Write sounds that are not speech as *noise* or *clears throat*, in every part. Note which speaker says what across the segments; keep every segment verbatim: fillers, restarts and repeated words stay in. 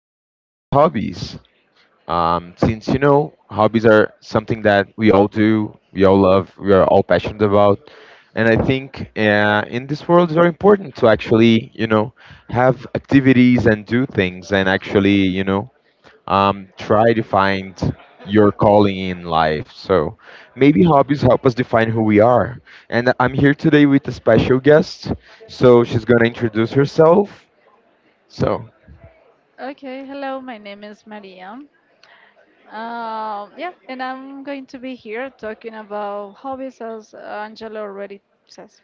Speaker 1: to talk about hobbies. Um, since you know, hobbies are something that we all do, we all love, we are all passionate about. And I think uh, in this world, it's very important to actually, you know, have activities and do things and actually, you know, um, try to find your calling in life. So maybe hobbies help us define who we are. And I'm here today with a special guest. So she's gonna introduce herself. So
Speaker 2: Okay, hello, my name is Maria. Um, yeah, and I'm going to be here talking about hobbies as Angela already says.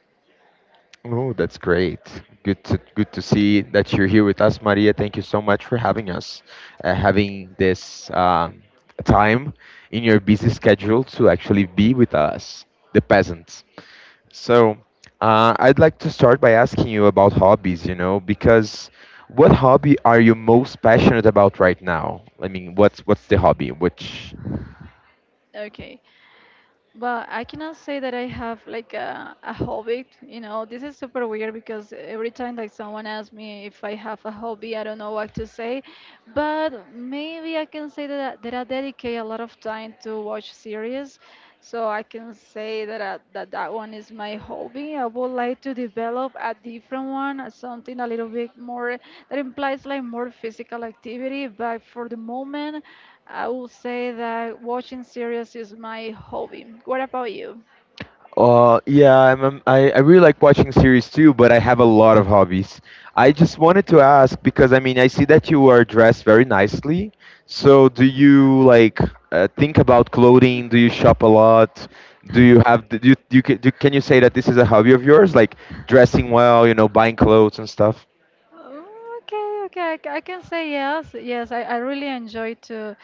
Speaker 1: oh, that's great. Good to good to see that you're here with us, Maria. Thank you so much for having us, uh, having this um, time in your busy schedule to actually be with us, the peasants. So, uh, I'd like to start by asking you about hobbies, you know, because what hobby are you most passionate about right now? I mean, what's what's the hobby? Which
Speaker 2: Okay, but I cannot say that I have like a, a hobby. You know, this is super weird because every time like someone asks me if I have a hobby, I don't know what to say. But maybe I can say that, I- that I dedicate a lot of time to watch series. So I can can say that uh, that that one is my hobby. I would like to develop a different one, uh, something a little bit more that implies like more physical activity. But for the moment, I will say that watching series is my hobby. What about you?
Speaker 1: Uh, yeah, I'm, I'm- I I really like watching series too, but I have a lot of hobbies. I just wanted to ask because I mean I see that you are dressed very nicely. So do you like uh, think about clothing? Do you shop a lot? Do you have do you, do you ca- do, Can you say that this is a hobby of yours, like dressing well, you know, buying clothes and stuff?
Speaker 2: Oh, okay, okay, I ca- I can say yes. Yes, I, I really enjoy to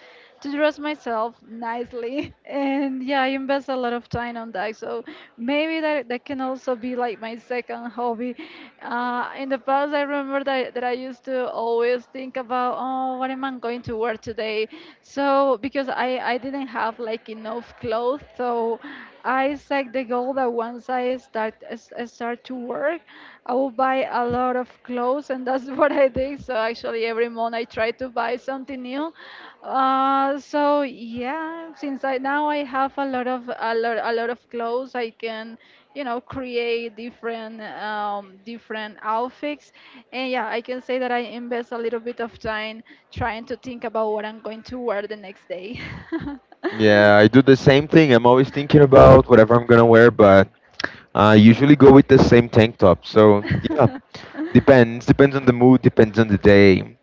Speaker 2: to dress myself nicely, *laughs* and yeah, I invest a lot of time on that. So maybe that that can also be like my second *laughs* hobby. Uh, in the past, I remember that that I used to always think about, oh, what am I going to wear today? So because I I didn't have like enough clothes, so. I set the goal that once I start s- I start to work, I will buy a lot of clothes, and that's *laughs* what I did. So actually, every month I try to buy something new. Uh, so yeah, since I now I have a lot of a lot a lot of clothes, I can you know create different um, different outfits, and yeah, I can say that I invest a little bit of time trying to think about what I'm going to wear the next day. *laughs*
Speaker 1: Yeah, I do the same thing. I'm always thinking about whatever I'm gonna wear, but I usually go with the same tank top. So yeah,
Speaker 2: *laughs*
Speaker 1: depends. Depends on the mood. Depends on the day.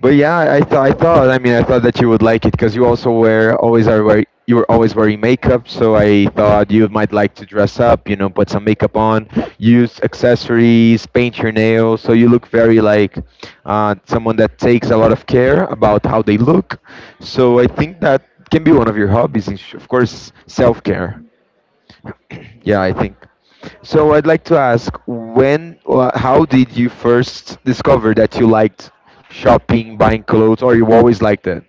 Speaker 1: But yeah, I thought I thought I mean I thought that you would like it because you also wear always are wear, you were always wearing makeup. So I thought you might like to dress up. You know, put some makeup on, use accessories, paint your nails. So you look very like uh, someone that takes a lot of care about how they look. So I think that can be one of your hobbies. and sh- Of course, self care.
Speaker 2: Mhm.
Speaker 1: Yeah, I
Speaker 2: Yeah.
Speaker 1: think. So I'd like to ask, when or how did you first discover that you liked shopping, buying clothes, or you always liked it?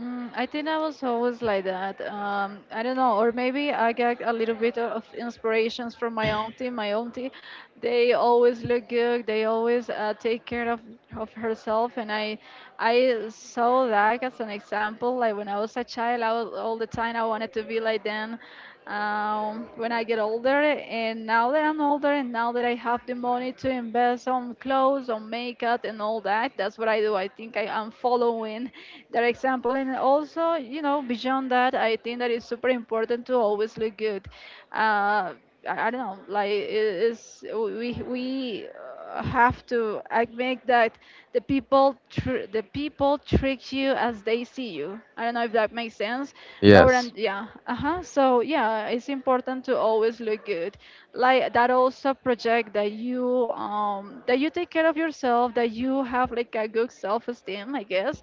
Speaker 2: Mm, I think I was always like that. Um, I don't know, or maybe I get a little bit of inspirations from my auntie. My auntie, they always look good. They always uh, take care of, of herself, and I I saw that as an example. Like when I was a child, I was all the time I wanted to be like them. Um, when I get older. And now that I'm older and now that I have the money to invest on clothes, on makeup, and all that, that's what I do. I think I am following that example. And also, you know, beyond that, I think that it's super important to always look good. Uh, I, I don't know like it is we we uh, have to I make that the people tr- the people treat you as they see you. I don't know if that makes sense, but we're on-
Speaker 1: Yes.
Speaker 2: yeah, uh-huh. So yeah, it's important to always look good, like that also project that you um that you take care care of yourself, that you have like a good self-esteem, I guess.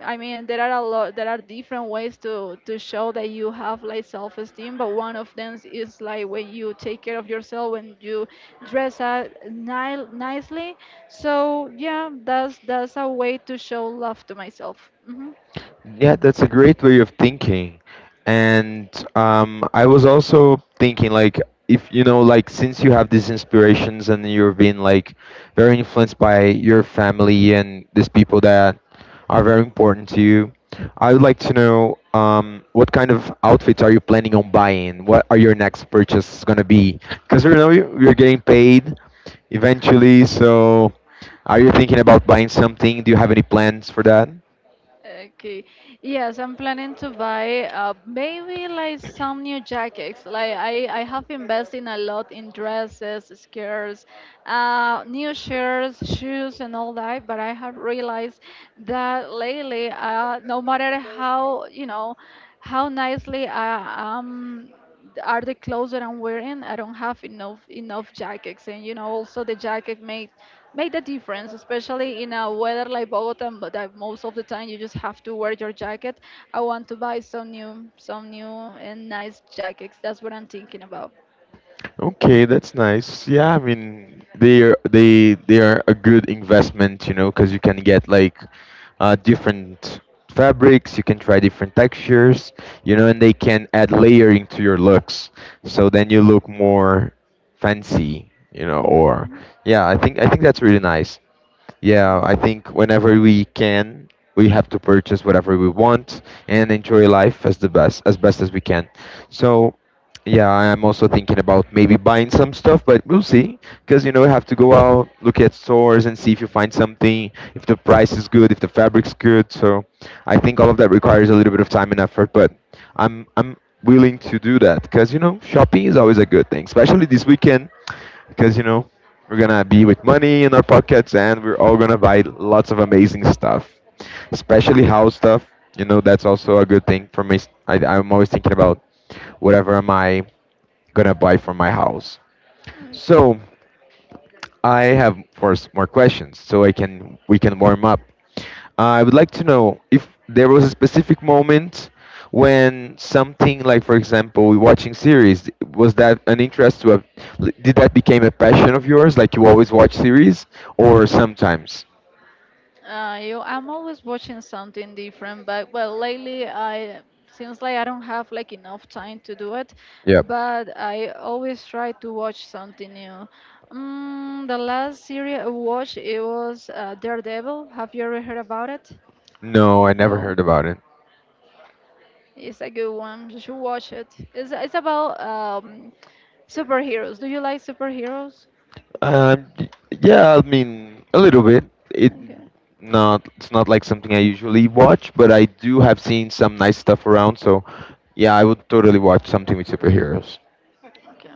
Speaker 2: I mean, there are a lot, there are different ways to to show that you have like self-esteem, but one of them is like when you take care of yourself, when you dress up ni- nicely. So yeah, that's that's a way to show love to myself. hmm
Speaker 1: Yeah, that's a great way of thinking. And um, I was also thinking, like, if you know, like, since you have these inspirations and you're being like very influenced by your family and these people that are very important to you, I would like to know um, what kind of outfits are you planning on buying? What are your next purchase gonna be? Because you know you- you're getting paid eventually, so are you thinking about buying something? Do you have any plans for that?
Speaker 2: Okay. Yes, I'm planning to buy uh, maybe like some new jackets. Like I, I have invested a lot in dresses, skirts, uh, new shirts, shoes, and all that. But I have realized that lately, uh, no matter how you know, how nicely I am are the clothes that I'm wearing, I don't have enough enough jackets, and you know also the jacket made made a difference, especially in a weather like Bogota, but that most of the time you just have to wear your jacket. I want to buy some new some new and nice jackets. That's what I'm thinking about.
Speaker 1: Okay, that's nice. Yeah, I mean they are they they are a good investment, you know, because you can get like uh, different fabrics, you can try different textures, you know, and they can add layering to your looks. So then you look more fancy, you know, or
Speaker 2: hmm
Speaker 1: yeah, I think I think that's really nice. Yeah, I think whenever we can, we have to purchase whatever we want and enjoy life as the best as best as we can. So, yeah, I'm also thinking about maybe buying some stuff, but we'll see. Because you know, you have to go out, look at stores, and see if you find something, if the price is good, if the fabric's good. So, I think all of that requires a little bit of time and effort, but I'm I'm willing to do that because you know, shopping is always a good thing, especially this weekend because you know we're gonna be with money in our pockets, and we're all gonna buy lots of amazing stuff, especially house stuff. You know, that's also a good thing for me. I, I'm always thinking about whatever am I gonna buy for my house.
Speaker 2: hmm
Speaker 1: So I have, of course, more questions, so I can we can warm up. I would like to know if there was a specific moment when something like, for example, watching series, was that an interest to a, did that became a passion of yours? Like you always watch series or sometimes?
Speaker 2: Uh, you, I'm always watching something different, but well, lately I seems like I don't have like enough time to do it,
Speaker 1: Yep.
Speaker 2: but I always try to watch something new. Mm, the last series I watched it was uh, Daredevil. Have you ever heard about it?
Speaker 1: No, I never
Speaker 2: No,
Speaker 1: heard about it.
Speaker 2: it's a good one. You should watch it. It's it's about um, superheroes. Do you like superheroes?
Speaker 1: Um, y- yeah, I mean a little bit. It
Speaker 2: Okay.
Speaker 1: not it's not like something I usually watch, but I do have seen some nice stuff around. So yeah, I would totally watch something with superheroes.
Speaker 2: Okay.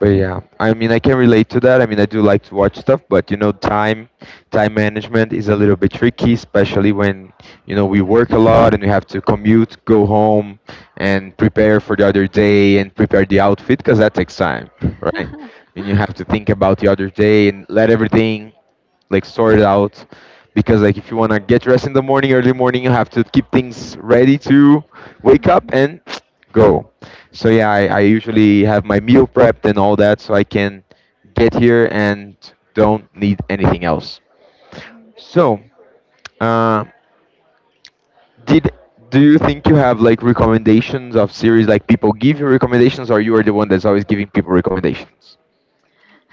Speaker 1: But yeah, I mean, I can relate to that. I mean, I do like to watch stuff, but you know, time time management is a little bit tricky, especially when you know we work a lot and we have to commute, go home, and prepare for the other day and prepare the outfit because that takes time, right? I mean, you have to think about the other day and let everything like sort it out because like if you want to get dressed in the morning early morning you have to keep things ready to wake up
Speaker 2: Mhm.
Speaker 1: and *tsk* go. So yeah, I, I
Speaker 2: Mhm.
Speaker 1: usually have my meal prepped and all that so I can get here and don't need anything else. So uh did do you think you have like recommendations of series, like people give you recommendations or you are the one that's always giving people recommendations?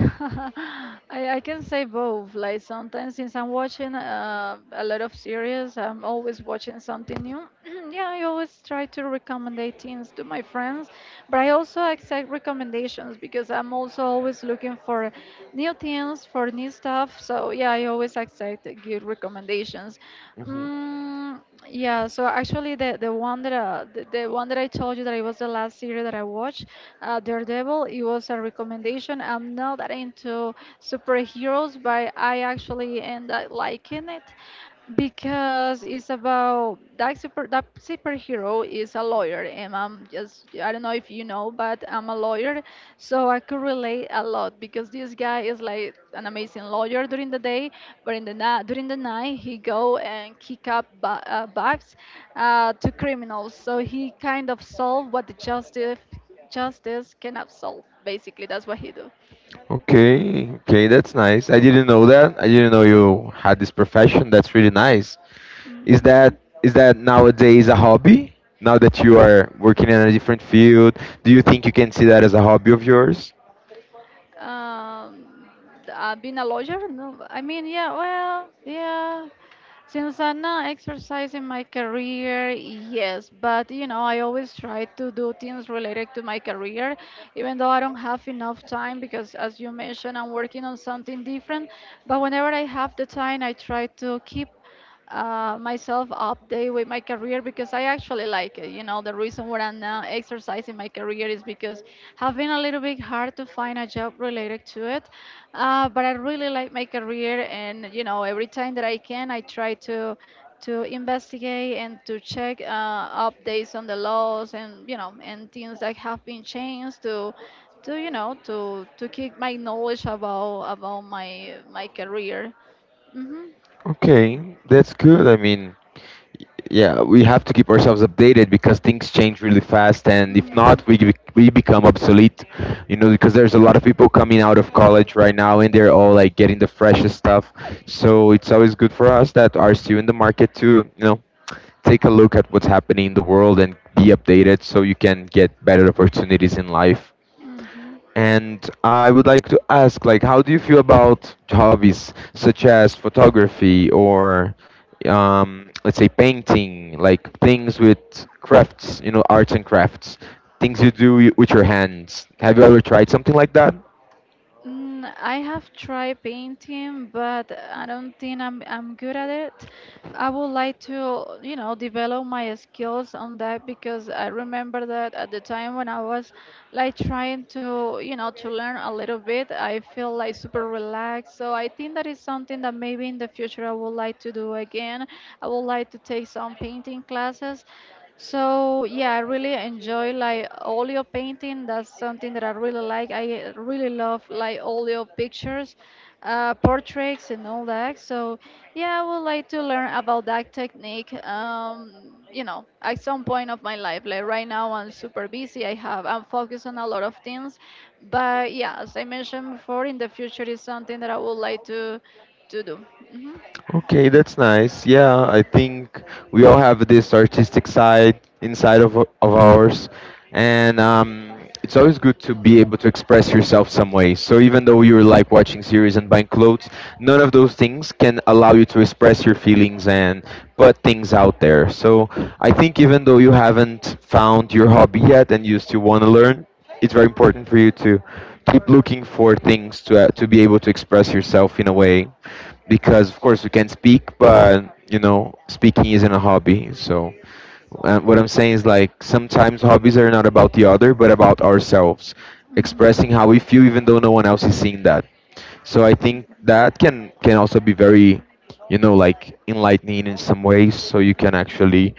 Speaker 2: *laughs* I, I can say both. Like sometimes, since I'm watching uh, a lot of series, I'm always watching something new. *clears throat* Yeah, I always try to recommend things to my friends, but I also accept recommendations because I'm also always looking for new things for new stuff. So yeah, I always accept the good recommendations. Mm, yeah, so actually the the one that uh, the, the one that I told you that it was the last series that I watched, uh, Daredevil, it was a recommendation. I'm not that into superheroes, but I actually end up liking it because it's about that super that superhero is a lawyer, and I'm just, I don't know if you know, but I'm a lawyer. So I could relate a lot because this guy is like an amazing lawyer during the day, but in the night during the night he go and kick up ba- uh, bugs, uh, to criminals. So he kind of solve what the justice justice cannot solve, basically. That's what he do.
Speaker 1: Okay, okay, that's nice. I didn't know that. I didn't know you had this profession. That's really nice. Is
Speaker 2: Mhm.
Speaker 1: that is that nowadays a hobby? Now that you are working in a different field, do you think you can see that as a hobby of yours?
Speaker 2: Um, uh, being a lawyer? No, I mean, yeah, well, yeah. Since I'm not exercising my career, yes, but you know, I always try to do things related to my career, even though I don't have enough time because, as you mentioned, I'm working on something different. But whenever I have the time, I try to keep uh, myself update with my career because I actually like it. You know, the reason why I'm now exercising my career is because have been a little bit hard to find a job related to it. Uh, but I really like my career, and you know, every time that I can, I try to to investigate and to check uh, updates on the laws, and you know and things that have been changed to to you know to to keep my knowledge about about my my career. hmm
Speaker 1: Okay, that's good. I mean, yeah, we have to keep ourselves updated because things change really fast, and if
Speaker 2: hmm
Speaker 1: not, we bec- we become obsolete. You know, because there's a lot of people coming out of college right now, and they're all like getting the freshest stuff. So it's always good for us that are still in the market to you know take a look at what's happening in the world and be updated so you can get better opportunities in life.
Speaker 2: Mhm.
Speaker 1: And I would like to ask, like, how do you feel about hobbies such as photography or, um, let's say, painting, like things with crafts, you know, arts and crafts, things you do y- with your hands? Have you ever tried something like that?
Speaker 2: Mm, I have tried painting, but I don't think I'm I'm good at it. I would like to, you know, develop my skills on that because I remember that at the time when I was like trying to, you know, to learn a little bit, I feel like super relaxed. So I think that is something that maybe in the future I would like to do again. I would like to take some painting classes. So yeah, I really enjoy like all your painting. That's something that I really like. I uh, really love like all your pictures, uh, portraits and all that. So yeah, I would like to learn about that technique. Um, you know, at some point of my life, like right now, I'm super busy. I have I'm focused on a lot of things, but yeah, as I mentioned before, in the future is something that I would like to to do.
Speaker 1: Okay, that's nice. Yeah, I think we all have this artistic side inside of o- of ours, and um, it's always good to be able to express yourself some way. So even though you're like watching series and buying clothes, none of those things can allow you to express your feelings and put things out there. So I think even though you haven't found your hobby yet and you still want to learn, it's very important for you to keep looking for things to uh, to be able to express yourself in a way because of course we can speak, but you know, speaking isn't a hobby. So uh, what I'm saying is like sometimes hobbies are not about the other, but about ourselves,
Speaker 2: hmm
Speaker 1: expressing how we feel, even though no one else is seeing that. So I think that can can also be very, you know, like enlightening in some ways. So you can actually,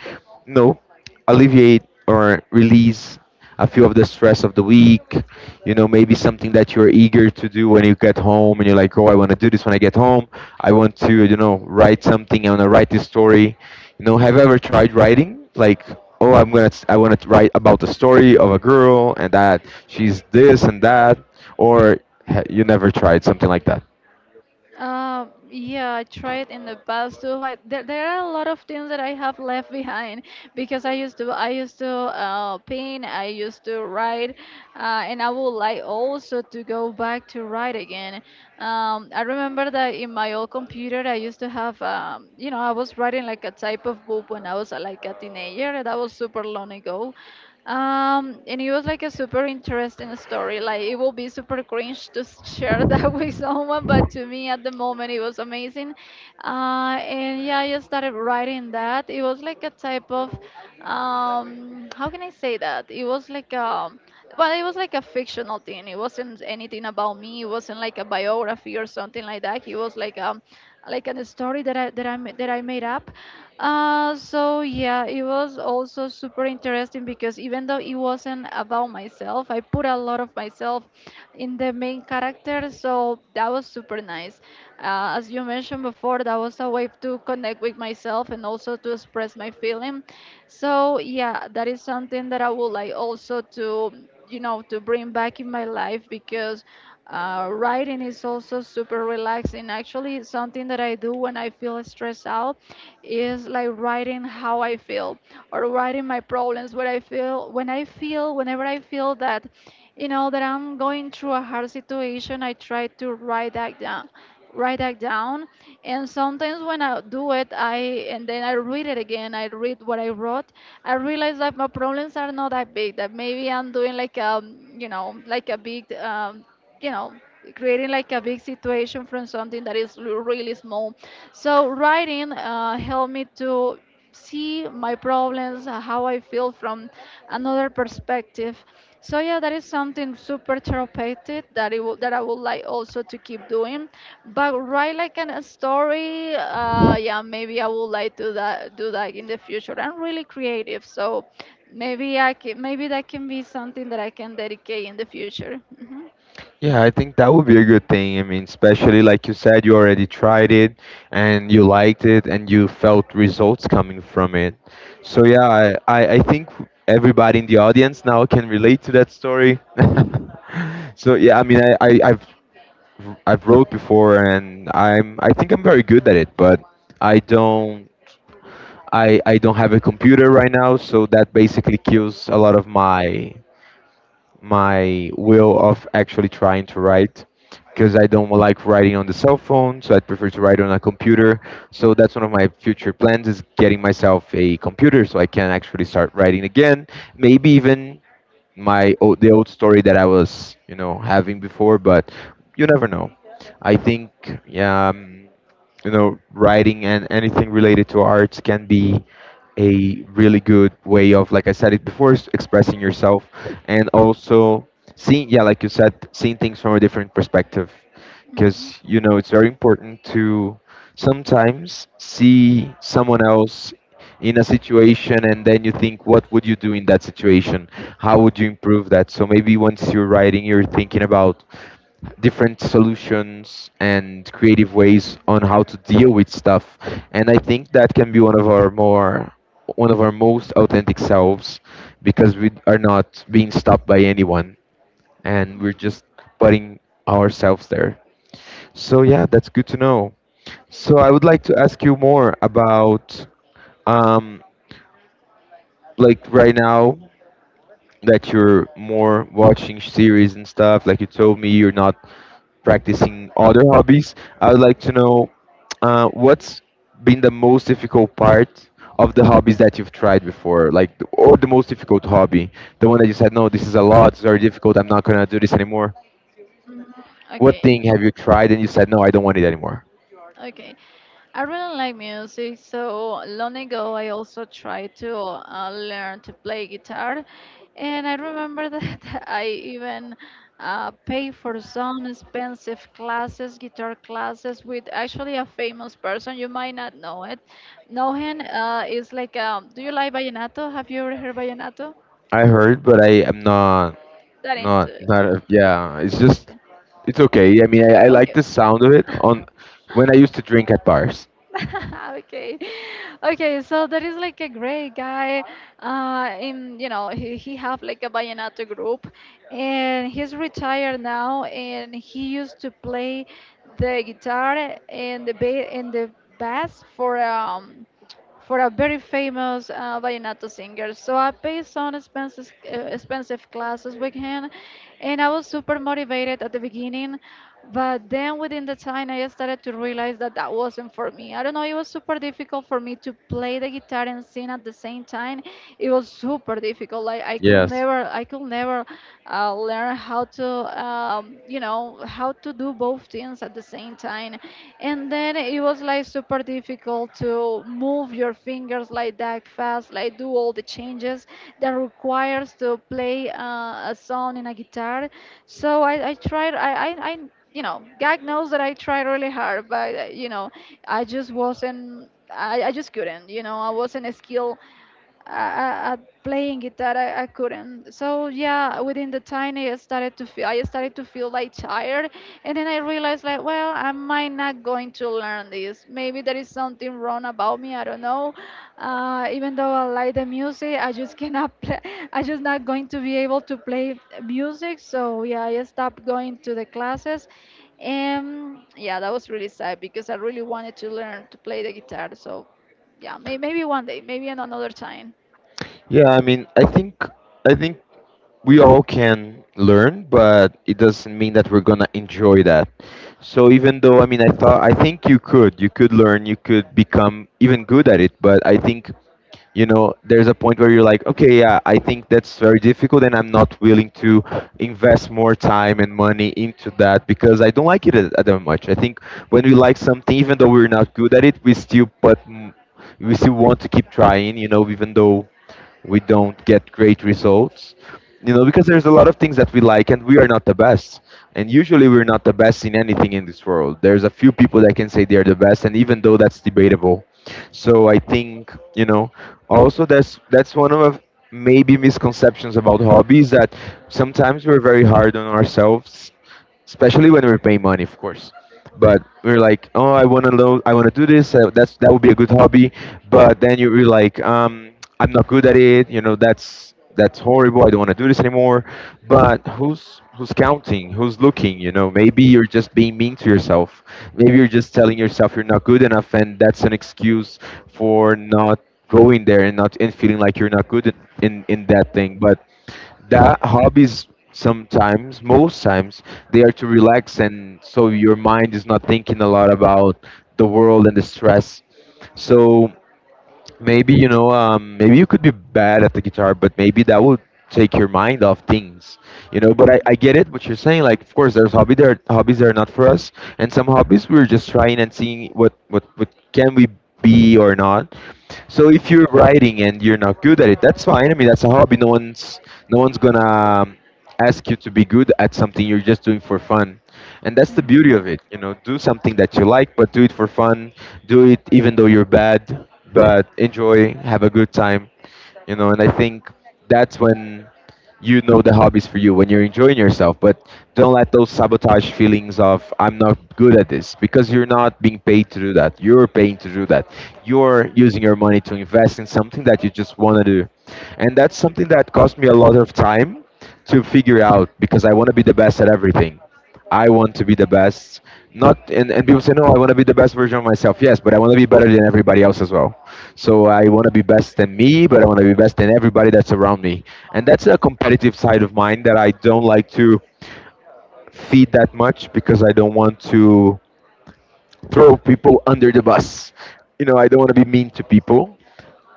Speaker 1: you know, alleviate or release a few of the stress of the week. You know, maybe something that you're eager to do when you get home and you're like, oh, I want to do this when I get home. I want to, you know, write something. I want to write this story. You know, have you ever tried writing? Like, oh, I'm gonna, I want to write about the story of a girl and that she's this and that, or ha- you never tried something like that?
Speaker 2: Um, yeah, I tried in the past too, but there, there are a lot of things that I have left *laughs* behind because I used to I used to uh, paint, I used to write, uh, and I would like also to go back to write again. Um, I remember that in my old computer I used to have um, you know I was writing like a type of book when I was uh, like a teenager. That was super long ago. Um, and it was like a super interesting story. Like it will be super cringe to s- share that *laughs* with someone, but to me at the moment it was amazing. Uh, and yeah, I just started writing that. It was like a type of, um, how can I say that? It was like um, well, it was like a fictional thing. It wasn't anything about me. It wasn't like a biography or something like that. It was like um, like a story that I that I ma- that I made up. Uh, so yeah, it was also super interesting because even though it wasn't about myself, I put a lot of myself in the main character, so that was super nice. Uh, as you mentioned before, that was a way to connect with myself and also to express my feeling. So yeah, that is something that I would like also to you know to bring back in my life because uh, writing is also super relaxing. Actually, something that I do when I feel stressed out is like writing how I feel or writing my problems. What I feel when I feel whenever I feel that you know that I'm going through a hard situation, I try to write that down write that down And sometimes when I do it I and then I read it again, i read what i wrote. I realize that my problems are not that big, that maybe i'm doing like a, you know like a big um, you know creating like a big situation from something that is l- really small. So writing uh, helped me to see my problems, uh, how I feel from another perspective. So yeah, that is something super therapeutic that it would that I would like also to keep doing. But write like an, a story, uh, yeah, maybe I would like to that do that in the future. I'm really creative, so maybe I can, maybe that can be something that I can dedicate in the future. hmm
Speaker 1: Yeah, I think that would be a good thing. I mean, especially like you said, you already tried it and you liked it and you felt results coming from it. So yeah, I, I, I think everybody in the audience now can relate to that story. *laughs* So yeah, I mean, I, I, I've I've wrote before and I'm I think I'm very good at it, but I don't I, I don't have a computer right now, so that basically kills a lot of my my will of actually trying to write because I don't like writing on the cell phone, so I prefer to write on a computer. So that's one of my future plans is getting myself a computer so I can actually start writing again. Maybe even my old, the old story that I was you know having before, but you never know. I think yeah. Um, you know, writing and anything related to arts can be a really good way of, like I said it before, s- expressing yourself, and also seeing, yeah, like you said, seeing things from a different perspective. Because,
Speaker 2: hmm
Speaker 1: you know, it's very important to sometimes see someone else in a situation, and then you think, what would you do in that situation? How would you improve that? So maybe once you're writing, you're thinking about different solutions and creative ways on how to deal with stuff, and I think that can be one of our more one of our most authentic selves, because we are not being stopped by anyone, and we're just putting ourselves there. So yeah, that's good to know. So I would like to ask you more about, um like right now that you're more watching series and stuff, like you told me you're not practicing other hobbies, I would like to know uh, what's been the most difficult part of the hobbies that you've tried before, like, or the most difficult hobby, the one that you said, no, this is a lot, it's very difficult, I'm not gonna do this anymore.
Speaker 2: hmm
Speaker 1: What
Speaker 2: Okay.
Speaker 1: thing have you tried and you said, no, I don't want it anymore?
Speaker 2: Okay. I really like music, so long ago I also tried to uh, learn to play guitar, and I remember that *laughs* I even uh, paid for some expensive classes, guitar classes, with actually a famous person. You might not know it. Know him, uh, is like, um, do you like vallenato? Have you ever heard vallenato?
Speaker 1: I heard, but I am not,
Speaker 2: That
Speaker 1: not,
Speaker 2: into
Speaker 1: not. a- Yeah, it's just,
Speaker 2: okay.
Speaker 1: it's okay. I mean, I, I like
Speaker 2: Okay.
Speaker 1: the sound of it on when I used to drink at bars.
Speaker 2: *laughs* Okay. okay so there is like a great guy uh in, you know he, he have like a vallenato group, and he's retired now, and he used to play the guitar and the ba- and the bass for um for a very famous uh, vallenato singer. So I paid some expenses, uh, expensive classes with him, and I was super motivated at the beginning. But then within the time, I started to realize that that wasn't for me. I don't know, it was super difficult for me to play the guitar and sing at the same time. It was super difficult. Like I could
Speaker 1: Yes.
Speaker 2: never, I could never uh, learn how to, um, you know how to do both things at the same time. And then it was like super difficult to move your fingers like that fast, like do all the changes that requires to play uh, a song in a guitar. so i, I tried. I, I i you know god knows that I tried really hard, but uh, you know I just wasn't, I, I just couldn't. you know I wasn't skilled uh, at playing guitar. I, I couldn't. So yeah, within the time i started to feel I started to feel like tired. And then I realized like, well, I might not going to learn this. Maybe there is something wrong about me, I don't know. Uh, even though I like the music, I just cannot play. *laughs* I just not going to be able to play music. So yeah, I stopped going to the classes. And yeah, that was really sad because I really wanted to learn to play the guitar. So yeah, may, maybe one day, maybe in another time.
Speaker 1: Yeah, I mean, I think, I think we all can learn, but it doesn't mean that we're gonna enjoy that. So even though, I mean, I thought I think you could, you could learn, you could become even good at it, but I think, you know, there's a point where you're like, okay, yeah, I think that's very difficult and I'm not willing to invest more time and money into that because I don't like it a- that much. I think when we like something, even though we're not good at it, we still put m- we still want to keep trying, you know, even though we don't get great results, you know, because there's a lot of things that we like and we are not the best. And usually we're not the best in anything in this world. There's a few people that can say they're the best, and even though that's debatable. So I think, you know. Also, that's that's one of maybe misconceptions about hobbies, that sometimes we're very hard on ourselves, especially when we're paying money, of course. But we are like, oh, I want to lo- I want to do this. Uh, that's that would be a good hobby. But then you are like, um, I'm not good at it. You know, that's that's horrible. I don't want to do this anymore. But who's who's counting? Who's looking? You know, maybe you're just being mean to yourself. Maybe you're just telling yourself you're not good enough, and that's an excuse for not going there and not, and feeling like you're not good in in, in that thing. But that hobbies, sometimes most times, they are to relax, and so your mind is not thinking a lot about the world and the stress. So maybe, you know, um, maybe you could be bad at the guitar, but maybe that would take your mind off things. You know, but I,
Speaker 2: Mhm,
Speaker 1: I get it what you're saying, like of course there's hobby there hobbies that are not for us, and some hobbies we're just trying and seeing what what, what can we be or not. So if you're writing and you're not good at it, that's fine. I mean, that's a hobby. No one's no one's gonna um, ask you to be good at something you're just doing for fun. And that's the beauty
Speaker 2: mhm,
Speaker 1: of it. You know, do something that you like, but do it for fun. Do it even though you're bad, but enjoy, have a good time. You know, and I think that's when, you know, the hobbies for you, when you're enjoying yourself. But don't let those sabotage feelings of I'm not good at this, because you're not being paid to do that, you're paying to do that. You're using your money to invest in something that you just want to do. And that's something that cost me a lot of time to figure out, because I want to be the best at everything. I want to be the best. Not and, and people say, no, I want to be the best version of myself. Yes, but I want to be better than everybody else as well. So I want to be best than me, but I want to be best than everybody that's around me. And that's a competitive side of mine that I don't like to feed that much, because I don't want to throw people under the bus. You know, I don't want to be mean to people,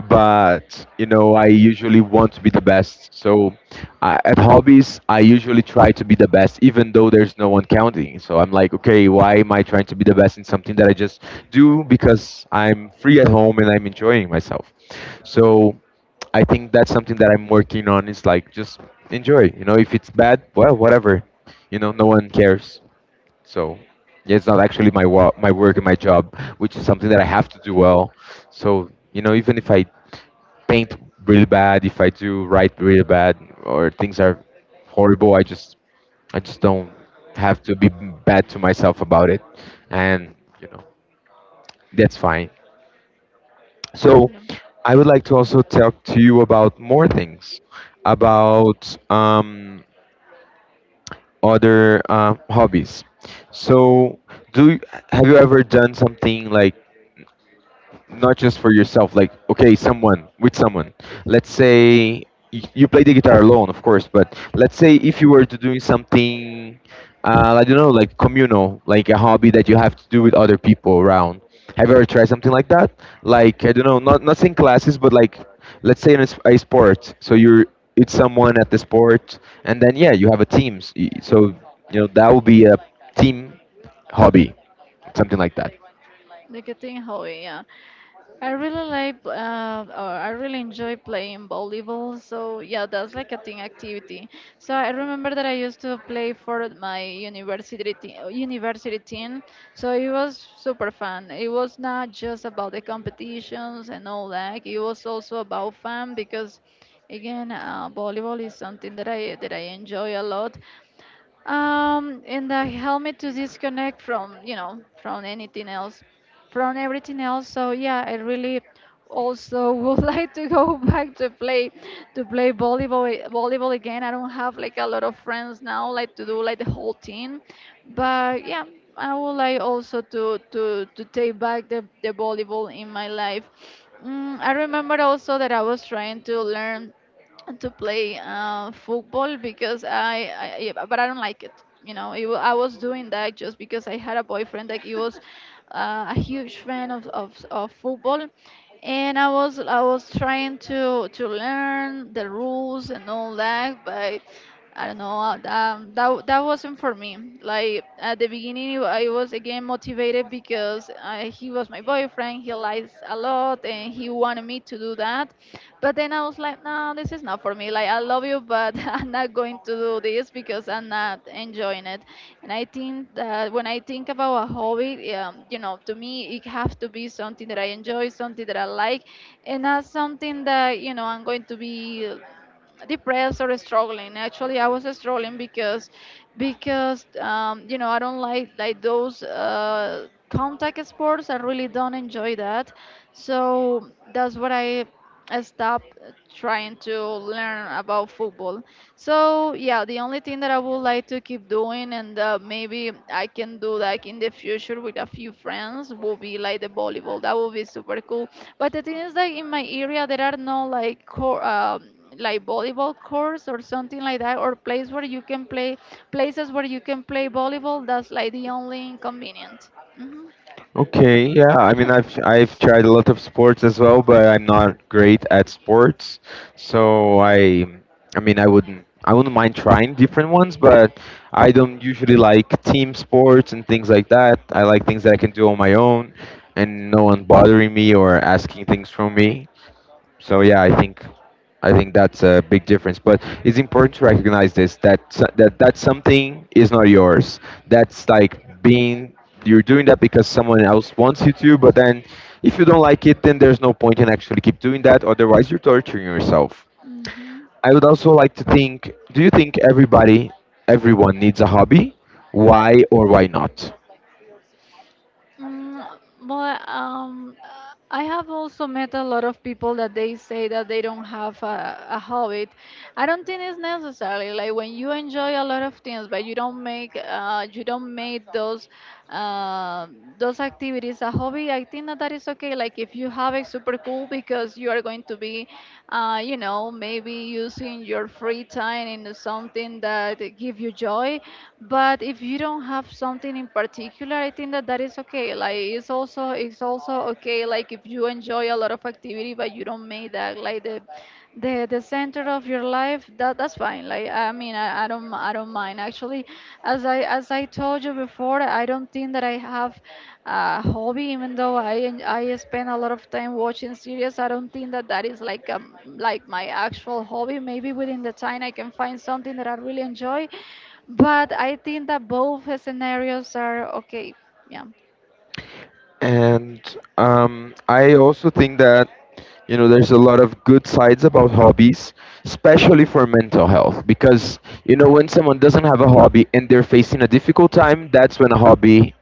Speaker 1: but you know, I usually want to be the best. So I, at hobbies I usually try to be the best, even though there's no one counting. So I'm like, okay, why am I trying to be the best in something that I just do because I'm free at home and I'm enjoying myself? So I think that's something that I'm working on, is like just enjoy. You know, if it's bad, well, whatever. You know, no one cares. So yeah, it's not actually my wa- my work and my job, which is something that I have to do well. So you know, even if I paint really bad, if I do write really bad, or things are horrible, I just, I just don't have to be bad to myself about it, and, you know, that's fine. So
Speaker 2: yeah.
Speaker 1: I would like to also talk to you about more things, about um, other uh, hobbies. So do you- have you ever done something like not just for yourself, like okay, someone with someone, let's say, you, you play the guitar alone, of course, but let's say if you were to doing something, uh, I don't know, like communal, like a hobby that you have to do with other people around. Have you ever tried something like that? Like I don't know, not not saying classes, but like let's say in a, s- a sport, so you're, it's someone at the sport, and then yeah, you have a team. S- y- so you know, that would be a team hobby, something like that.
Speaker 2: Like a thing, Howie, yeah. I really like, uh, or I really enjoy playing volleyball. So yeah, that's like a team activity. So I remember that I used to play for my university te- university team. So it was super fun. It was not just about the competitions and all that. It was also about fun because, again, uh, volleyball is something that I that I enjoy a lot. Um, and that helped me to disconnect from, you know, from anything else, from everything else. So yeah, I really also *laughs* would like to go *laughs* back to play to play volleyball volleyball again. I don't have like a lot of friends now, like to do like the whole team, but yeah, I would like also to to to take back the the volleyball in my life. Mm, I remember also that I was trying to learn to play uh, football because I, I I- but I don't like it. You know, it, wa- I was doing that just because I had a boyfriend that he was uh, a huge fan of, of of football, and I was I was trying to to learn the rules and all that, but I don't know. Uh, Um, that w- that wasn't for me. Like at the beginning, it I was again motivated because uh, he was my boyfriend. He likes a lot, and he wanted me to do that. But then I was like, no, this is not for me. Like I love you, but *laughs* I'm not going to do this because I'm not enjoying it. And I think that when I think about a hobby, um, you know, to me, it has to be something that I enjoy, something that I like, and not something that you know I'm going to be depressed or struggling. Actually, I was struggling because because um, you know I don't like like those uh, contact sports. I really don't enjoy that. So that's what I I stopped trying to learn about football. So yeah, the only thing that I would like to keep doing, and uh, maybe I can do like in the future with a few friends, will be like the volleyball. That would be super cool. But the thing is that in my area there are no like core. Um, like volleyball courts or something like that, or place where you can play places where you can play volleyball. That's like the only inconvenient. Hmm
Speaker 1: Okay, yeah. I mean, I've I've tried a lot of sports as well, but I'm not great at sports. So I, I mean, I wouldn't I wouldn't mind trying different ones, but I don't usually like team sports and things like that. I like things that I can do on my own, and no one bothering me or asking things from me. So yeah, I think, I think that's a big difference. But it's important to recognize this, that so- that that something is not yours. That's like being, you're doing that because someone else wants you to. But then, if you don't like it, then there's no point in actually keep doing that. Otherwise, you're torturing yourself.
Speaker 2: hmm
Speaker 1: I would also like to think: do you think everybody, everyone needs a hobby? Why or why not?
Speaker 2: Mm, but um, uh, I have also met a lot of people that they say that they don't have a, a habit. I don't think it's necessary. Like when you enjoy a lot of things, but you don't make uh, you don't make those uh, those activities a hobby. I think that that is okay. Like if you have it, super cool, because you are going to be, uh, you know, maybe using your free time in something that give you joy. But if you don't have something in particular, I think that that is okay. Like it's also it's also okay, like if you enjoy a lot of activity but you don't make that like the the the center of your life. That that's fine. Like I mean, i, I don't I i don't mind. Actually, as i as I told you before, I don't think that I have a hobby, even though i en- I spend a lot of time watching series. I don't think that that is like um like my actual hobby. Maybe within the time I can find something that I really enjoy, but I think that both scenarios are okay. Yeah.
Speaker 1: And um, I also think that, you know, there's a lot of good sides about hobbies, especially for mental health, because you know,
Speaker 2: Mm,
Speaker 1: when someone doesn't have a hobby and they're facing a difficult time, that's when a hobby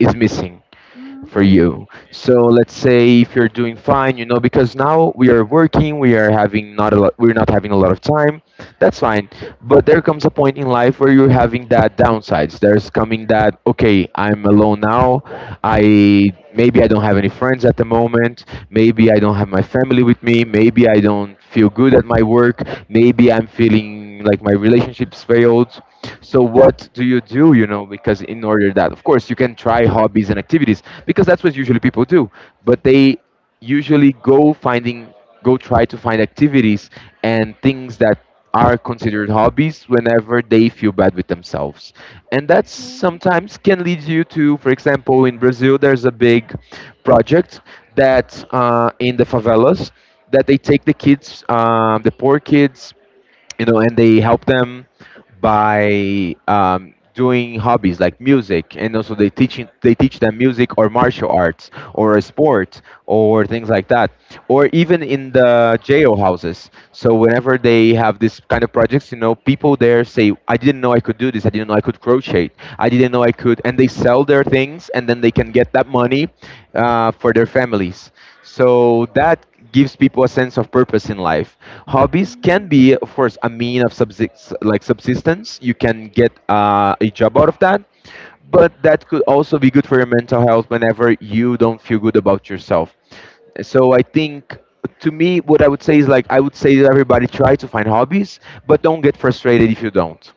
Speaker 1: is missing
Speaker 2: mm,
Speaker 1: for
Speaker 2: okay.
Speaker 1: you. So let's say if you're doing fine, you know, because now we are working, we are having not a lot, we're not having a lot of time. That's fine. But there comes a point in life where you're having that downsides. There's coming that, okay, I'm alone now. I, maybe I don't have any friends at the moment. Maybe I don't have my family with me. Maybe I don't feel good at my work. Maybe I'm feeling like my relationship's failed. So what do you do, you know? Because in order that, of course, you can try hobbies and activities, because that's what usually people do, but they usually go finding go try to find activities and things that are considered hobbies whenever they feel bad with themselves. And that
Speaker 2: Okay.
Speaker 1: sometimes can lead you to, for example, in Brazil, there's a big project that uh, in the favelas, that they take the kids, um, the poor kids, you know, and they help them by um, doing hobbies like music, and also they teaching they teach them music or martial arts or a sport or things like that, or even in the jail houses. So whenever they have this kind of projects, you know, people there say, "I didn't know I could do this. I didn't know I could crochet. I didn't know I could," and they sell their things, and then they can get that money, uh, for their families. So that gives people a sense of purpose in life. Hobbies
Speaker 2: Mm,
Speaker 1: can be, of course, a mean of subsist- like subsistence. You can get uh, a job out of that, but that could also be good for your mental health whenever you don't feel good about yourself. So I think, to me, what I would say is, like, I would say to everybody, try to find hobbies, but don't get frustrated if you don't,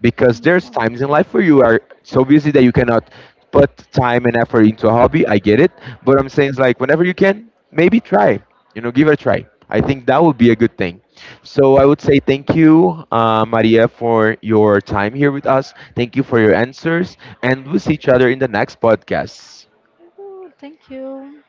Speaker 1: because
Speaker 2: mm,
Speaker 1: there's
Speaker 2: mm.
Speaker 1: times in life where you are so busy that you cannot put time and effort into a hobby. I get it, but I'm saying it's like whenever you can, maybe try. You know, give it a try. I think that would be a good thing. So I would say thank you, uh, Maria, for your time here with us. Thank you for your answers, and we'll see each other in the next podcast.
Speaker 2: Ooh, thank you.